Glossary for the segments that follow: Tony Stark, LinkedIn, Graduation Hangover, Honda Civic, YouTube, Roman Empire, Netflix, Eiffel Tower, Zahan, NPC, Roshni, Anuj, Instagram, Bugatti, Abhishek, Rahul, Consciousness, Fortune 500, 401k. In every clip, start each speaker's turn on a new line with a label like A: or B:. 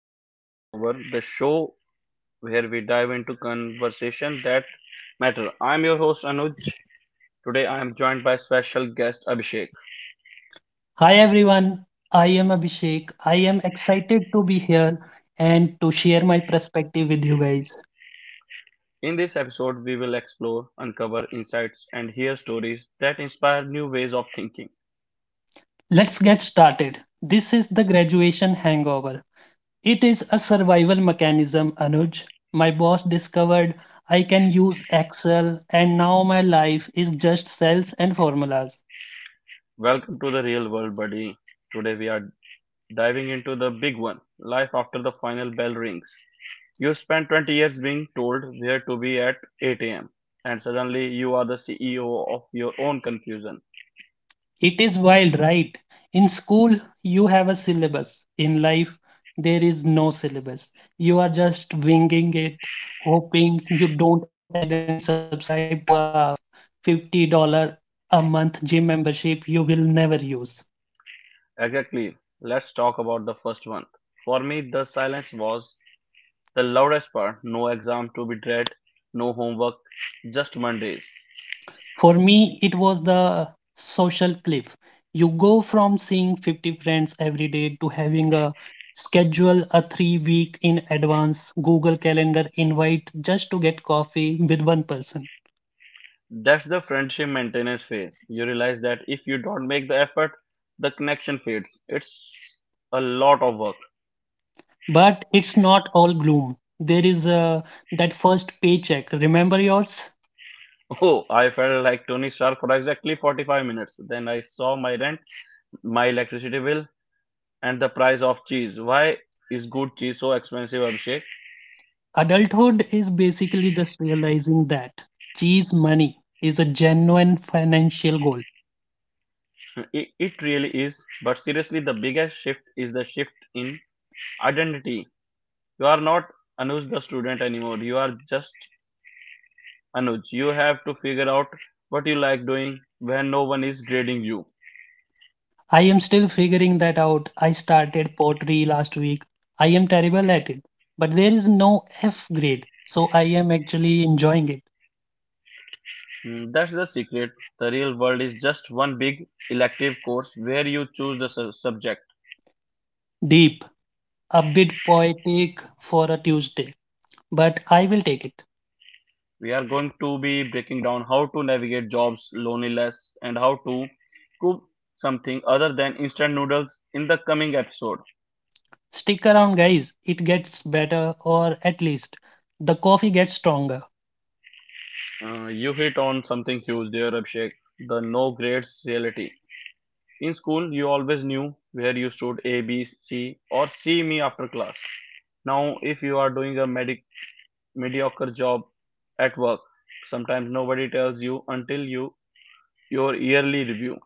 A: Graduation Hangover, the show where we dive into conversation that matter. I'm your host Anuj. Today I am joined by special guest Abhishek.
B: Hi everyone, I am Abhishek. I am excited to be here and to share my perspective with you guys.
A: In this episode, we will explore, uncover insights, and hear stories that inspire new ways of thinking.
B: Let's get started. This is the graduation hangover. It is a survival mechanism, Anuj. My boss discovered I can use Excel, and now my life is just cells and formulas.
A: Welcome to the real world, buddy. Today we are diving into the big one life after the final bell rings. You spend 20 years being told where to be at 8 a.m., and suddenly you are the CEO of your own confusion.
B: It is wild, right? In school, you have a syllabus. In life, there is no syllabus. You are just winging it, hoping you don't accidentally subscribe to a $50 a month gym membership you will never use.
A: Exactly. Let's talk about the first one. For me, the silence was the loudest part. No exam to be dread, no homework, just Mondays.
B: For me, it was the social cliff. You go from seeing 50 friends every day to having a schedule a 3 week in advance Google Calendar invite just to get coffee with one person.
A: That's the friendship maintenance phase. You realize that if you don't make the effort, the connection fades. It's a lot of work.
B: But it's not all gloom. There is that first paycheck. Remember yours?
A: Oh, I felt like Tony Stark for exactly 45 minutes. Then I saw my rent, my electricity bill, and the price of cheese. Why is good cheese so expensive, Abhishek?
B: Adulthood is basically just realizing that cheese money is a genuine financial goal.
A: It really is. But seriously, the biggest shift is the shift in identity. You are not Anuj the student anymore. You are just Anuj. You have to figure out what you like doing when no one is grading you.
B: I am still figuring that out. I started pottery last week. I am terrible at it, but there is no F grade, so I am actually enjoying it.
A: Hmm, that's the secret. The real world is just one big elective course where you choose the subject.
B: Deep, a bit poetic for a Tuesday, but I will take it.
A: We are going to be breaking down how to navigate jobs, loneliness, and how to cook something other than instant noodles in the coming episode.
B: Stick around, guys. It gets better, or at least the coffee gets stronger.
A: You hit on something huge there, Abhishek, the no grades reality. In school, you always knew where you stood A, B, C, or C me after class. Now, if you are doing a mediocre job at work, sometimes nobody tells you until your yearly review.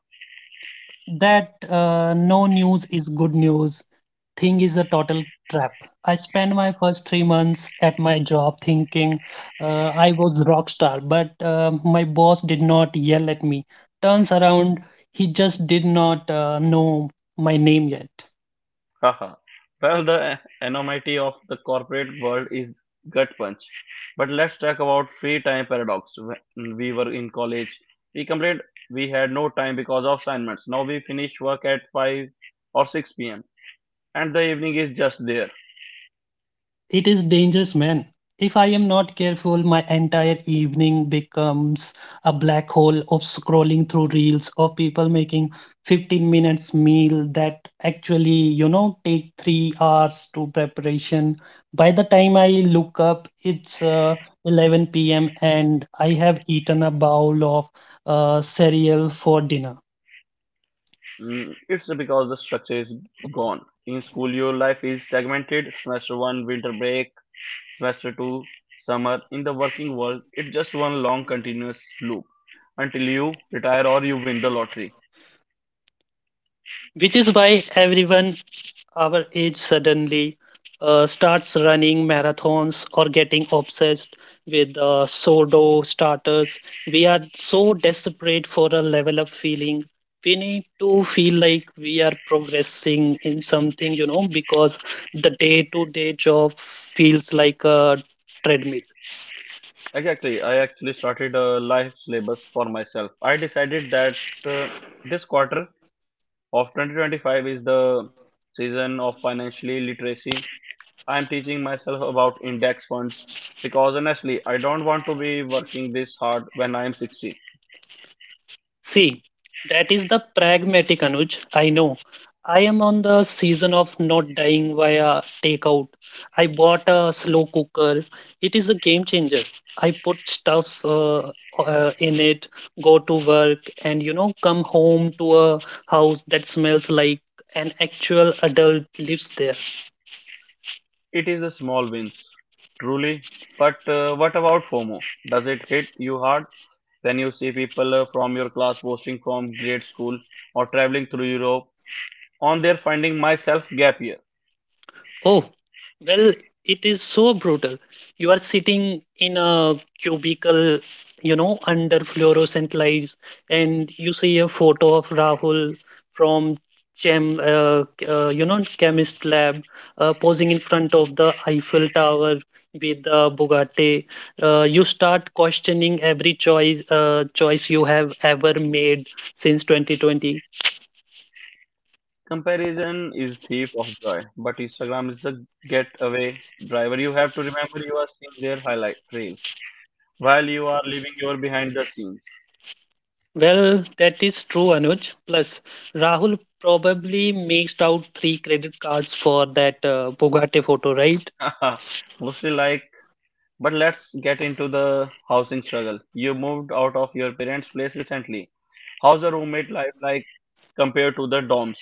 B: That no news is good news thing is a total trap. I spent my first 3 months at my job thinking I was rock star, but my boss did not yell at me. Turns around, he just did not know my name yet.
A: Haha. Well, the enormity of the corporate world is gut punch. But let's talk about free time paradox. When we were in college, we complained we had no time because of assignments. Now we finish work at 5 or 6 p.m. and the evening is just there.
B: It is dangerous, man. If I am not careful, my entire evening becomes a black hole of scrolling through reels of people making 15 minutes meal that actually, you know, take 3 hours to preparation. By the time I look up, it's 11 p.m. and I have eaten a bowl of cereal for dinner,
A: Mm, it's because the structure is gone. In school, your life is segmented semester 1, winter break, semester 2, summer. In the working world, it's just one long continuous loop until you retire or you win the lottery.
B: which is why everyone our age suddenly starts running marathons or getting obsessed with sourdough starters. We are so desperate for a level up feeling. We need to feel like we are progressing in something, you know, because the day to day job feels like a treadmill.
A: Exactly. I actually started a life syllabus for myself. I decided that uh, this quarter of 2025 is the season of financially literacy. I am teaching myself about index funds because honestly, I don't want to be working this hard when I am 60.
B: See, that is the pragmatic Anuj. I know. I am on the season of not dying via takeout. I bought a slow cooker. It is a game changer. I put stuff in it, go to work, and you know, come home to a house that smells like an actual adult lives there.
A: It is the small wins, truly. But what about FOMO? Does it hit you hard when you see people from your class posting from grade school or traveling through Europe on their finding myself gap year?
B: Oh, well, it is so brutal. You are sitting in a cubicle, you know, under fluorescent lights, and you see a photo of Rahul from you know, chemist lab, posing in front of the Eiffel Tower with the Bugatti. You start questioning every choice you have ever made since 2020.
A: Comparison is thief of joy, but Instagram is a getaway driver. You have to remember you are seeing their highlight reel while you are living your behind the scenes.
B: Well, that is true, Anuj. Plus, Rahul probably maxed out three credit cards for that Bugatti photo, right?
A: Mostly like, but let's get into the housing struggle. You moved out of your parents' place recently. How's the roommate life like compared to the dorms?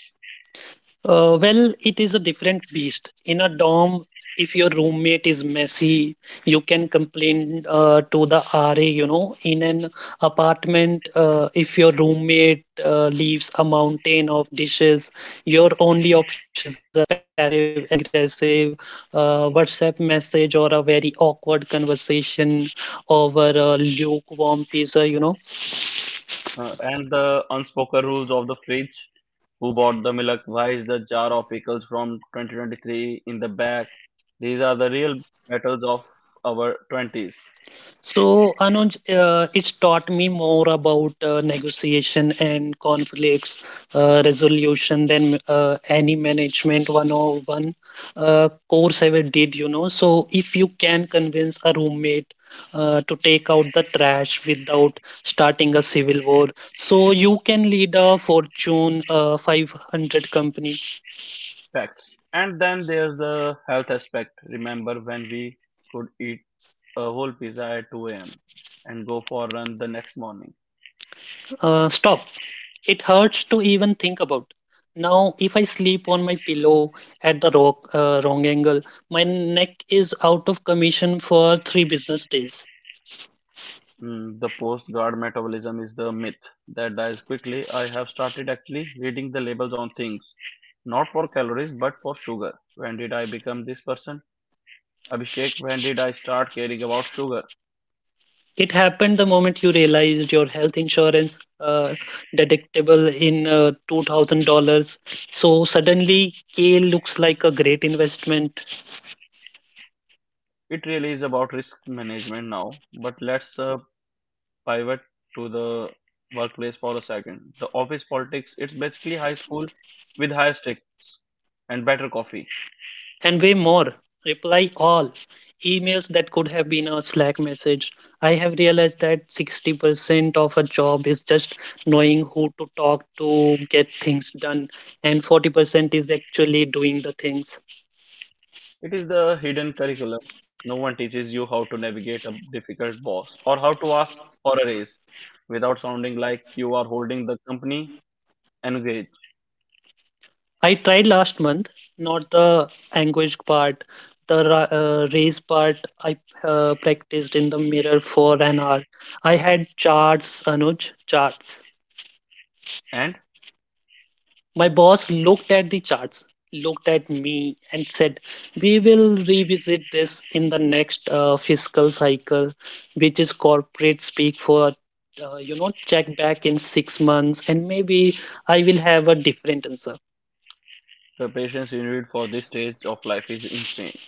B: Well, it is a different beast. In a dorm, if your roommate is messy, you can complain to the RA, you know. In an apartment, if your roommate leaves a mountain of dishes, your only option is a passive aggressive WhatsApp message or a very awkward conversation over a lukewarm pizza, you know.
A: And the unspoken rules of the fridge. Who bought the milk? Why is the jar of pickles from 2023 in the bag? These are the real battles of our 20s.
B: So, Anuj, it's taught me more about negotiation and conflicts resolution than any management 101 course ever did, you know. So, if you can convince a roommate to take out the trash without starting a civil war, so you can lead a Fortune 500 company.
A: Facts. And then there's the health aspect. Remember when we could eat a whole pizza at 2 a.m. and go for a run the next morning?
B: Stop. It hurts to even think about. Now, if I sleep on my pillow at the wrong angle, my neck is out of commission for three business days.
A: Mm, the postcard metabolism is the myth that dies quickly. I have started actually reading the labels on things, not for calories but for sugar. When did I become this person? Abhishek, when did I start caring about sugar?
B: It happened the moment you realized your health insurance deductible in $2,000. So suddenly, kale looks like a great investment.
A: It really is about risk management now, but let's pivot to the workplace for a second. The office politics, it's basically high school with higher stakes and better coffee.
B: And way more, reply all emails that could have been a Slack message. I have realized that 60% of a job is just knowing who to talk to get things done, and 40% is actually doing the things.
A: It is the hidden curriculum. No one teaches you how to navigate a difficult boss or how to ask for a raise without sounding like you are holding the company engaged.
B: I tried last month, not the anguish part, the race part. I practiced in the mirror for an hour. I had charts, Anuj, charts.
A: And
B: My boss looked at the charts, looked at me, and said, we will revisit this in the next fiscal cycle, which is corporate speak for, you know, check back in 6 months, and maybe I will have a different answer.
A: the patience you need for this stage of life is insane.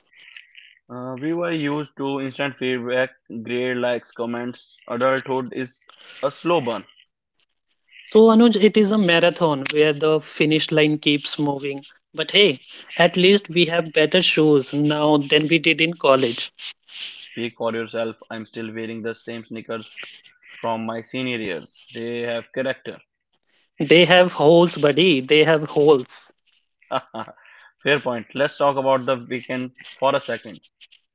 A: We were used to instant feedback, grade likes, comments. Adulthood is a slow burn.
B: So, Anuj, it is a marathon where the finish line keeps moving. But hey, at least we have better shoes now than we did in college.
A: Speak for yourself. I'm still wearing the same sneakers from my senior year. They have character.
B: They have holes, buddy. They have holes.
A: Fair point. Let's talk about the weekend for a second.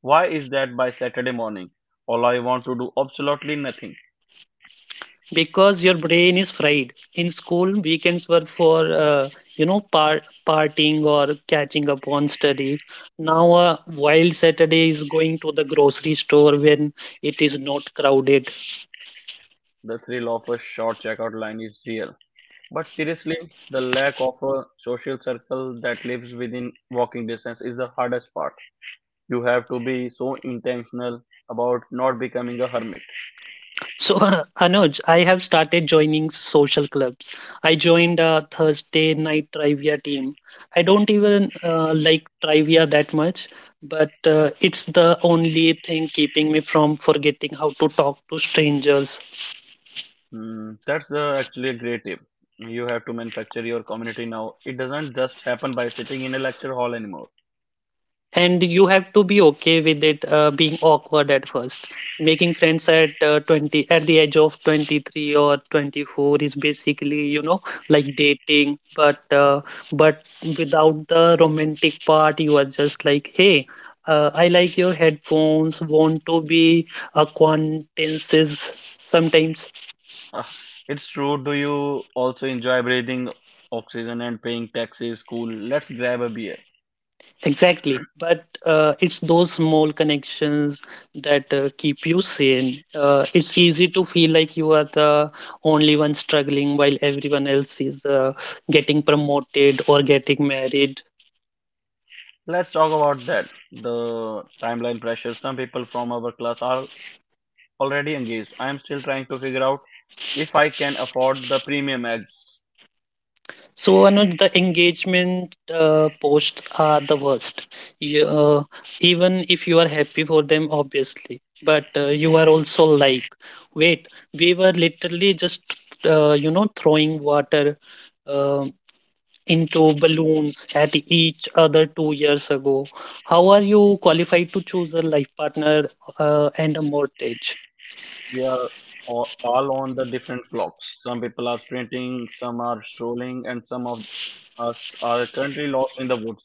A: Why is that by Saturday morning? All I want to do absolutely nothing.
B: Because your brain is fried. In school, weekends were for you know partying or catching up on study. Now a wild Saturday is going to the grocery store when it is not crowded.
A: The thrill of a short checkout line is real. But seriously, the lack of a social circle that lives within walking distance is the hardest part. You have to be so intentional about not becoming a hermit.
B: So Anuj, I have started joining social clubs. I joined a Thursday night trivia team. I don't even like trivia that much. But it's the only thing keeping me from forgetting how to talk to strangers,
A: Hmm, that's actually a great tip. You have to manufacture your community now. It doesn't just happen by sitting in a lecture hall anymore.
B: and you have to be okay with it being awkward at first, making friends at 20, at the age of 23 or 24, is basically, you know, like dating, but without the romantic part. You are just like, hey, I like your headphones, want to be acquaintances sometimes?
A: It's true. Do you also enjoy breathing oxygen and paying taxes? Cool. Let's grab a beer.
B: Exactly. But it's those small connections that keep you sane. It's easy to feel like you are the only one struggling while everyone else is getting promoted or getting married.
A: Let's talk about that. The timeline pressure. Some people from our class are already engaged. I am still trying to figure out if I can afford the premium eggs.
B: So, Anuj, the engagement posts are the worst. You, uh, Even if you are happy for them, obviously, but you are also like, wait, we were you know, throwing water um, into balloons at each other 2 years ago. How are you qualified to choose a life partner and a mortgage?
A: They are all on the different clocks. Some people are sprinting, some are strolling, and some of us are currently lost in the woods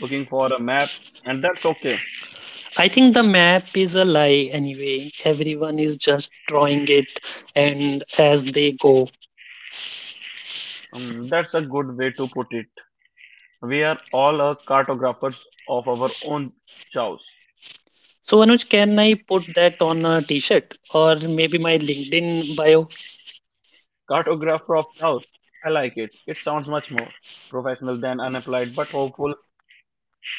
A: looking for a map. And that's okay.
B: I think the map is a lie anyway. Everyone is just drawing it and as they go.
A: That's a good way to put it. We are all a cartographers of our own chows.
B: So Anuj, can I put that on a t-shirt or maybe my LinkedIn bio?
A: Cartographer of chows. I like it. It sounds much more professional than unapplied, but hopeful.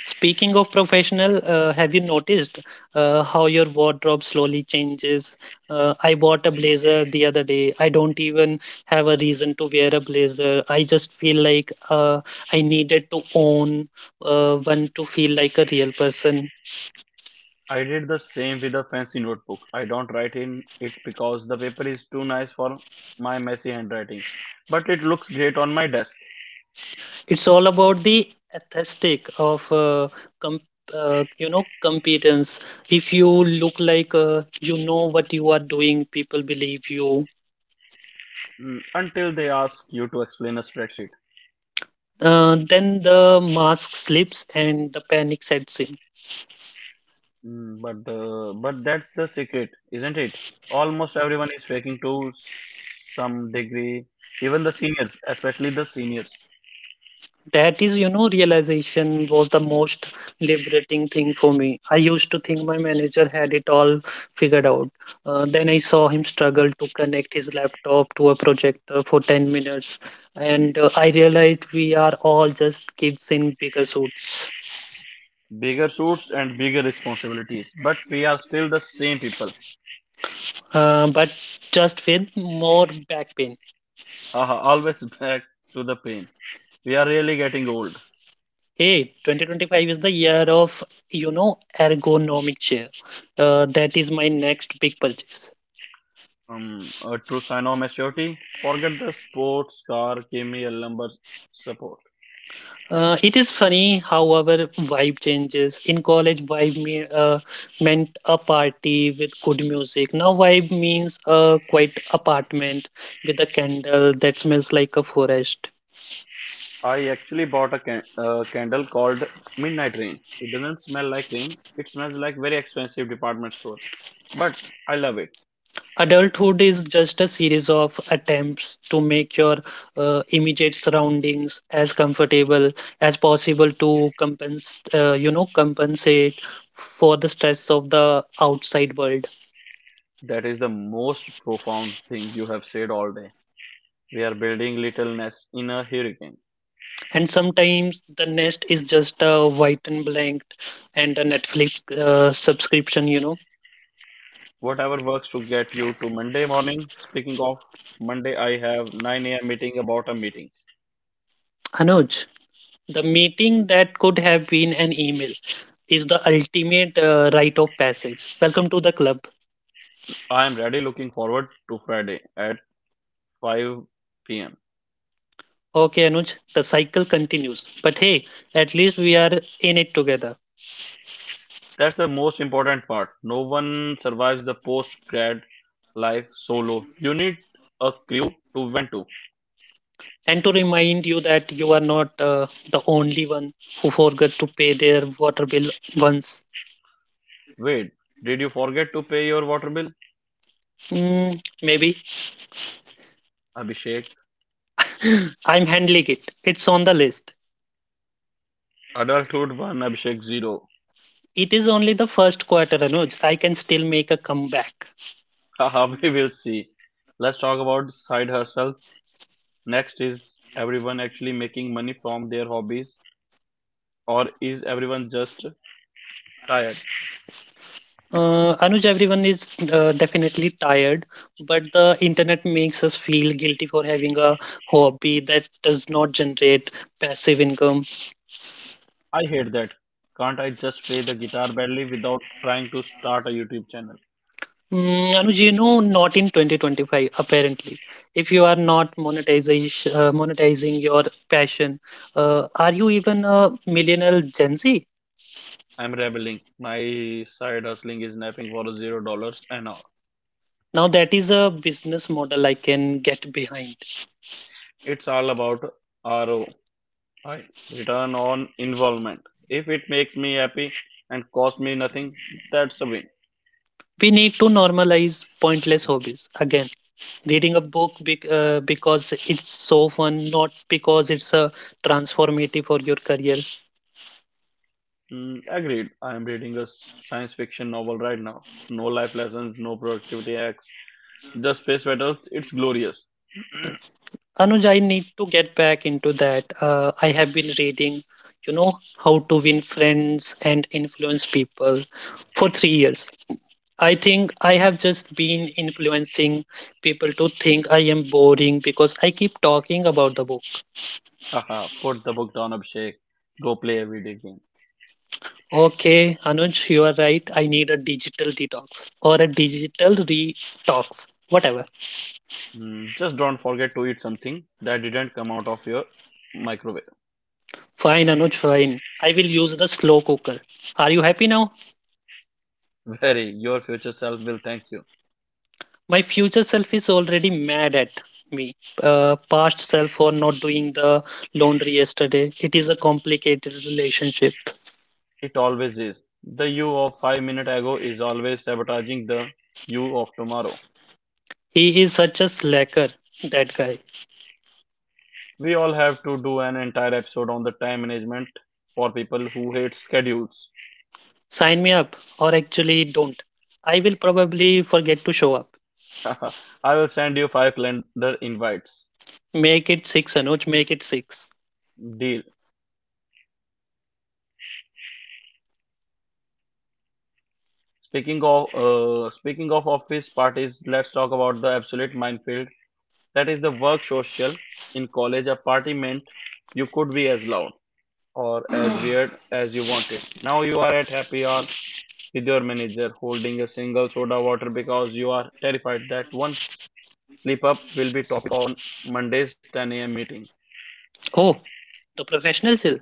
B: Speaking of professional, have you noticed how your wardrobe slowly changes? I bought a blazer the other day. I don't even have a reason to wear a blazer. I just feel like I needed to own one to feel like a real person.
A: I did the same with a fancy notebook. I don't write in it because the paper is too nice for my messy handwriting, but it looks great on my desk.
B: It's all about the aesthetic of com- you know, competence. If you look like, you know what you are doing, people believe you.
A: Mm, until they ask you to explain a spreadsheet.
B: Then the mask slips and the panic sets in.
A: Mm, but that's the secret, isn't it? Almost everyone is faking to some degree, even the seniors, especially the seniors.
B: That, is, you know, realization was the most liberating thing for me. I used to think my manager had it all figured out. Then I saw him struggle to connect his laptop to a projector for 10 minutes. And I realized we are all just kids in bigger suits,
A: Bigger suits and bigger responsibilities, but we are still the same people.
B: but just with more back pain.
A: Haha, always back to the pain. We are really getting old.
B: Hey, 2025 is the year of, you know, ergonomic chair. That is my next big purchase.
A: A true sign of maturity. Forget the sports car, give me a lumber support.
B: It is funny how our vibe changes. In college, vibe meant a party with good music. Now, vibe means a quiet apartment with a candle that smells like a forest.
A: I actually bought a candle called Midnight Rain. It doesn't smell like rain. It smells like very expensive department store. But I love it.
B: Adulthood is just a series of attempts to make your immediate surroundings as comfortable as possible to you know, compensate for the stress of the outside world.
A: That is the most profound thing you have said all day. We are building little nests in a hurricane.
B: And sometimes the nest is just a white and blank and a Netflix subscription, you know.
A: Whatever works to get you to Monday morning. Speaking of Monday, I have 9 a.m. meeting about a meeting.
B: Anuj, the meeting that could have been an email is the ultimate rite of passage. Welcome to the club.
A: I am really looking forward to Friday at 5 p.m.
B: Okay, Anuj, the cycle continues. But hey, at least we are in it together.
A: That's the most important part. No one survives the post grad life solo. You need a crew to vent to.
B: And to remind you that you are not the only one who forgot to pay their water bill once.
A: Wait, did you forget to pay your water bill?
B: Mm, maybe.
A: Abhishek,
B: I'm handling it. It's on the list.
A: adulthood 1, Abhishek 0.
B: It is only the first quarter, Anuj. I can still make a comeback.
A: Haha, we will see. Let's talk about side hustles. Next is everyone actually making money from their hobbies or is everyone just tired?
B: Anuj, everyone is definitely tired, but the internet makes us feel guilty for having a hobby that does not generate passive income.
A: I hate that. Can't I just play the guitar badly without trying to start a YouTube channel?
B: Mm, Anuj, you know, not in 2025, apparently. If you are not monetizing your passion, are you even a millennial Gen Z?
A: I'm rebelling. My side hustling is napping for $0 an hour.
B: Now, that is a business model I can get behind.
A: It's all about ROI, return on involvement. If it makes me happy and costs me nothing, that's a win.
B: We need to normalize pointless hobbies. Again, reading a book because it's so fun, not because it's transformative for your career.
A: Mm, agreed. I am reading a science fiction novel right now. No life lessons, no productivity hacks, just space battles. It's glorious.
B: Anuj, I need to get back into that. I have been reading, you know, how to win friends and influence people for 3 years. I think I have just been influencing people to think I am boring because I keep talking about the book.
A: Haha, put the book down, Abhishek. Go play a video game.
B: Okay, Anuj, you are right. I need a digital detox or a digital detox, whatever.
A: Mm, just don't forget to eat something that didn't come out of your microwave.
B: Fine, Anuj, fine. I will use the slow cooker. Are you happy now?
A: Very, your future self will thank you.
B: My future self is already mad at me past self for not doing the laundry yesterday. It is a complicated relationship.
A: It always is. The you of 5 minutes ago is always sabotaging the you of tomorrow.
B: He is such a slacker, that guy.
A: We all have to do an entire episode on the time management for people who hate schedules.
B: Sign me up. Or actually, don't. I will probably forget to show up.
A: I will send you five calendar invites.
B: Make it 6, Anuj, make it 6.
A: Deal. Speaking of office parties, let's talk about the absolute minefield that is the work social. In college, apartment, you could be as loud or as weird as you want it. Now you are at happy hour with your manager holding a single soda water because you are terrified that one slip up will be topic of Monday's 10 a.m. meeting.
B: Oh, the professional self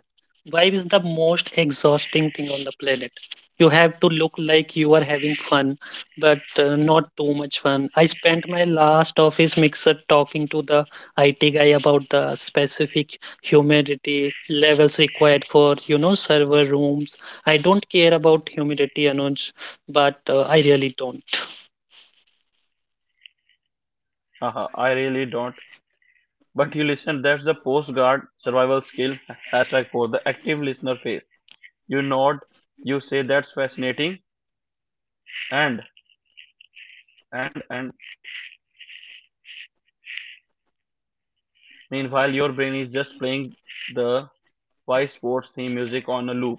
B: vibe is the most exhausting thing on the planet. You have to look like you are having fun, but not too much fun. I spent my last office mixer talking to the IT guy about the specific humidity levels required for, server rooms. I don't care about humidity, Anuj, but I really don't.
A: Haha, I really don't. But you listen, that's the postcard survival skill hashtag for the active listener phase. You nod, you say that's fascinating, and and and meanwhile your brain is just playing the why sports theme music on a loop.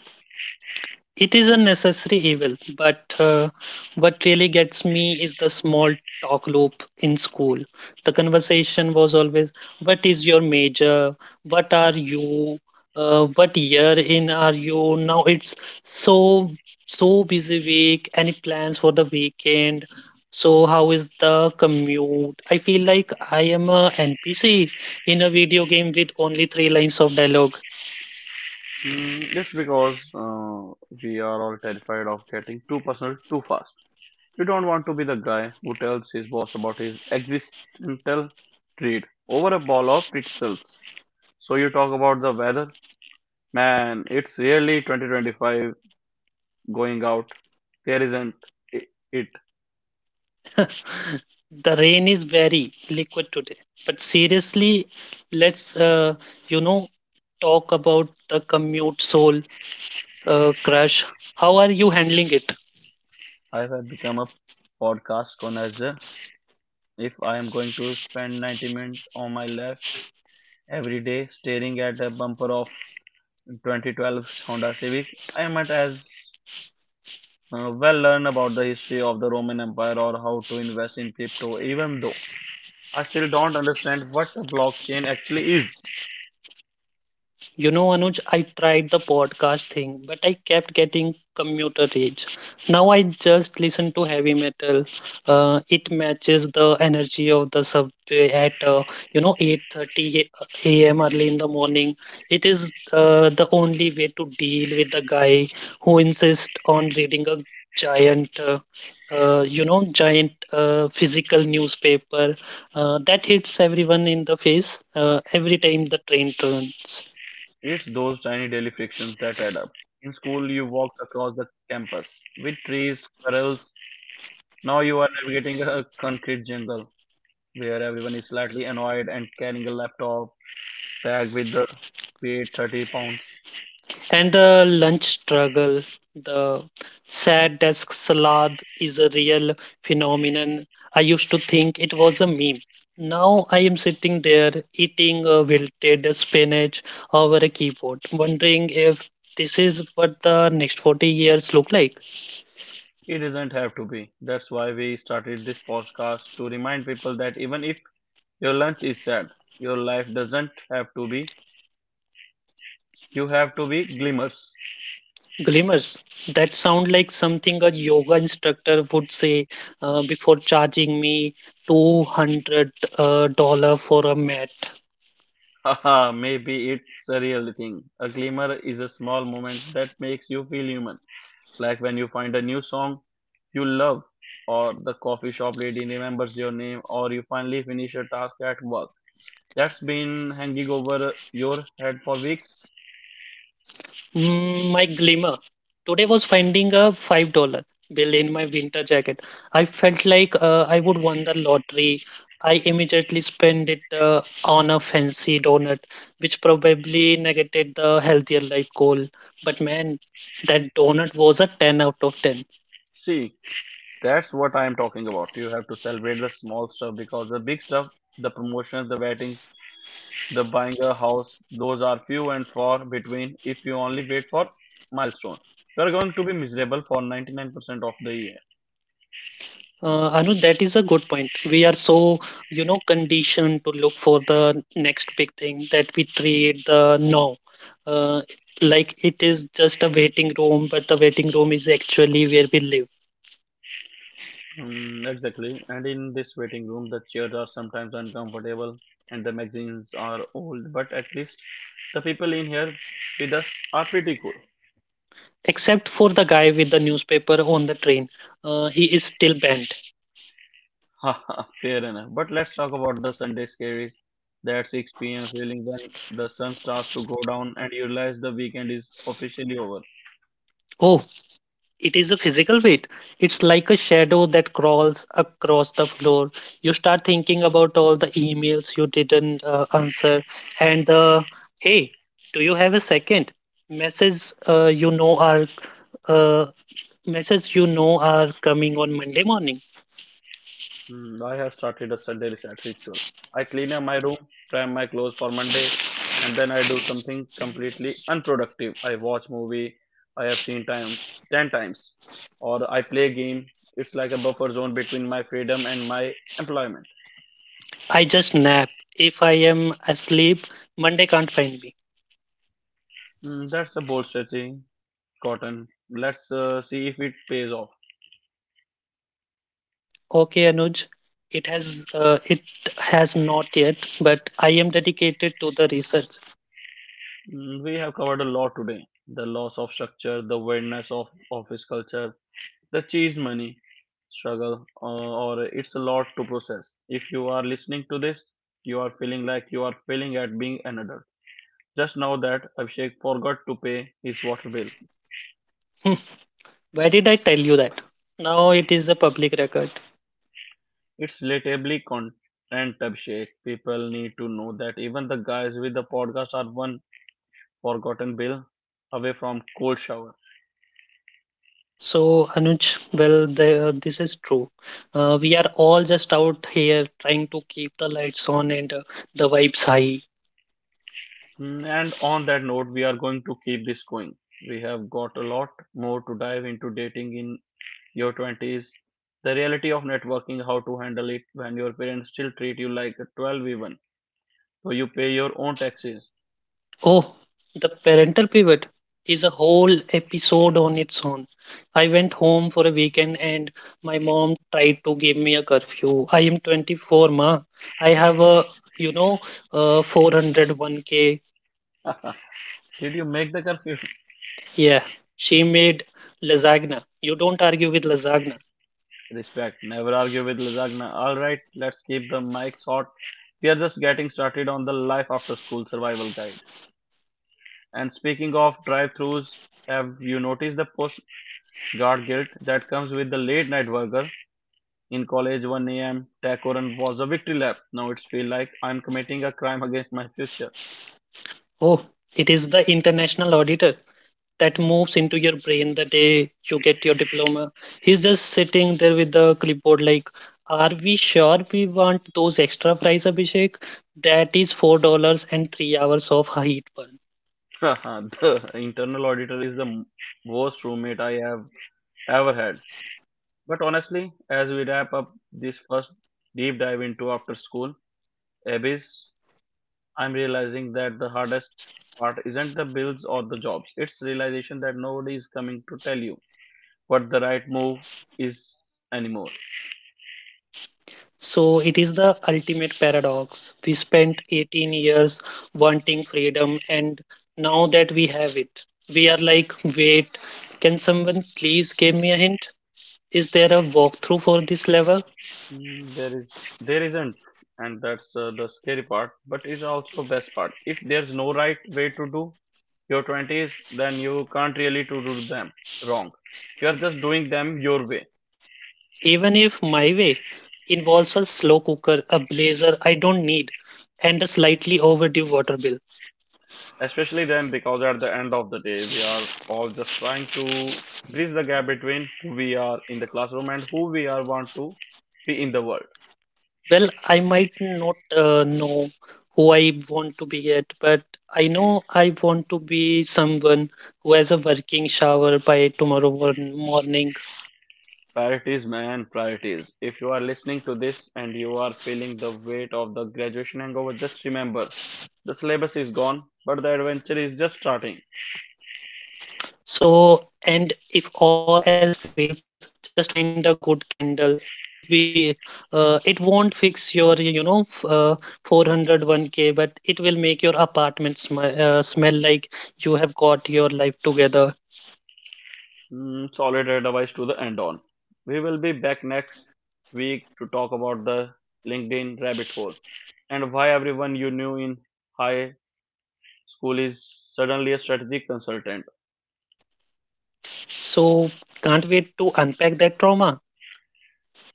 B: It is a necessary evil, but what really gets me is the small talk loop in school. The conversation was always, "What is your major? What are you? What year in are you?" Now it's, so so, busy week. Any plans for the weekend? So how is the commute?" I feel like I am a NPC in a video game with only three lines of dialogue.
A: Mm, that's because we are all terrified of getting too personal too fast. We don't want to be the guy who tells his boss about his existential dread over a ball of pretzels. So you talk about the weather. Man, it's really 2025 going out. There isn't I- it.
B: The rain is very liquid today, but seriously, let's you know talk about the commute soul crush. How are you handling it?
A: I have become a podcast connoisseur. If I am going to spend 90 minutes on my lap every day staring at a bumper of 2012 Honda Civic, I might as well learn about the history of the Roman Empire or how to invest in crypto, even though I still don't understand what the blockchain actually is.
B: You know, Anuj, I tried the podcast thing, but I kept getting commuter rage. Now I just listen to heavy metal. It matches the energy of the subway at 8:30 a.m. early in the morning. It is the only way to deal with the guy who insists on reading a giant. Uh, giant physical newspaper that hits everyone in the face every time the train turns.
A: It's those tiny daily frictions that add up. In school, you walked across the campus with trees, squirrels. Now you are navigating a concrete jungle where everyone is slightly annoyed and carrying a laptop tagged with the weight 30 pounds.
B: And the lunch struggle, the sad desk salad is a real phenomenon. I used to think it was a meme. Now I am sitting there eating a wilted spinach over a keyboard, wondering if this is what the next 40 years look like.
A: It doesn't have to be. That's why we started this podcast to remind people that even if your lunch is sad, your life doesn't have to be. You have to be glimmers.
B: Glimmers, that sound like something a yoga instructor would say before charging me $200 uh, for a mat.
A: Haha, maybe it's a real thing. A glimmer is a small moment that makes you feel human, like when you find a new song you love, or the coffee shop lady remembers your name, or you finally finish a task at work that's been hanging over your head for weeks.
B: Mm, my glimmer. Today was finding a $5 bill in my winter jacket. I felt like I would won the lottery. I immediately spent it on a fancy donut, which probably negated the healthier life goal. But man, that donut was a 10 out of 10.
A: See, that's what I'm talking about. You have to celebrate the small stuff, because the big stuff, the promotions, the weddings, the buying a house, those are few and far between. If you only wait for milestone, you are going to be miserable for 99% of the year.
B: Anu, that is a good point. We are so conditioned to look for the next big thing that we treat the now, uh, like it is just a waiting room, but the waiting room is actually where we live.
A: Mm, exactly, and in this waiting room the chairs are sometimes uncomfortable and the magazines are old, but at least the people in here with us are pretty cool.
B: Except for the guy with the newspaper on the train, he is still banned.
A: Haha, fair enough, but let's talk about the Sunday scaries, that 6 p.m. feeling when the sun starts to go down and you realize the weekend is officially over.
B: Oh, it is a physical weight. It's like a shadow that crawls across the floor. You start thinking about all the emails you didn't answer and the, "Hey, do you have a second?" Messages, are uh, messages are coming on Monday morning.
A: Mm, I have started a Sunday reset ritual. I clean up my room, prime my clothes for Monday, and then I do something completely unproductive. I watch movie I have seen time ten times, or I play game. It's like a buffer zone between my freedom and my employment.
B: I just nap. If I am asleep, Monday can't find me.
A: Mm, that's a bold strategy, Cotton. Let's see if it pays off.
B: Okay, Anuj. It has not yet, but I am dedicated to the research.
A: Mm, we have covered a lot today: the loss of structure, the weirdness of office culture, the cheese money struggle, or it's a lot to process. If you are listening to this, you are feeling like you are failing at being an adult, just know that Abhishek forgot to pay his water bill.
B: Why did I tell you that? Now it is a public record.
A: It's relatably content. Abhishek, people need to know that even the guys with the podcast are one forgotten bill away from cold shower.
B: So, Anuj, well, this is true. We are all just out here trying to keep the lights on and the vibes high.
A: Mm, and on that note we are going to keep this going. We have got a lot more to dive into: dating in your 20s, the reality of networking, how to handle it when your parents still treat you like a 12 even, so you pay your own taxes.
B: Oh, the parental pivot is a whole episode on its own. I went home for a weekend and my mom tried to give me a curfew. I am 24, ma. I have a, you know, 401k.
A: Did you make the curfew?
B: Yeah, she made lasagna. You don't argue with lasagna.
A: Respect. Never argue with lasagna. Alright, let's keep the mics hot. We are just getting started on the life after school survival guide. And speaking of drive thrus, have you noticed the postcard guilt that comes with the late night burger? In college, 1 a.m. taco run was a victory lap. Now it's feel like I'm committing a crime against my future.
B: Oh, it is the international auditor that moves into your brain the day you get your diploma. He's just sitting there with the clipboard, like, "Are we sure we want those extra fries, Abhishek? That is $4 and 3 hours of heat burn."
A: The internal auditor is the worst roommate I have ever had. But honestly, as we wrap up this first deep dive into after school abyss, I'm realizing that the hardest part isn't the bills or the jobs. It's realization that nobody is coming to tell you what the right move is anymore.
B: So it is the ultimate paradox. We spent 18 years wanting freedom, and now that we have it, we are like, wait, can someone please give me a hint? Is there a walkthrough for this level?
A: Mm, there is, there isn't, and that's the scary part. But it's also best part. If there's no right way to do your twenties, then you can't really to do them wrong. You are just doing them your way.
B: Even if my way involves a slow cooker, a blazer I don't need, and a slightly overdue water bill.
A: Especially then, because at the end of the day, we are all just trying to bridge the gap between who we are in the classroom and who we are want to be in the world.
B: Well, I might not know who I want to be yet, but I know I want to be someone who has a working shower by tomorrow morning.
A: Priorities, man, priorities. If you are listening to this and you are feeling the weight of the graduation hangover, just remember, the syllabus is gone, but the adventure is just starting.
B: So, and if all else fails, just find a good candle. If we, it won't fix your 401k, but it will make your apartment smell like you have got your life together.
A: Mm, solid advice to the end on. We will be back next week to talk about the LinkedIn rabbit hole and why everyone you knew in high school is suddenly a strategic consultant.
B: So, can't wait to unpack that trauma.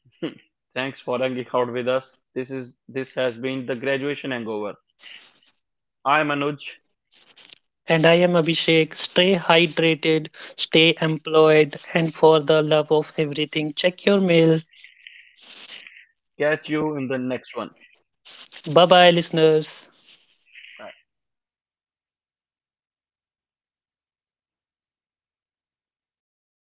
A: Thanks for hanging out with us. This has been the graduation hangover. I'm Anuj.
B: And I am Abhishek. Stay hydrated, stay employed, and for the love of everything, check your mail.
A: Catch you in the next one.
B: Bye bye, listeners.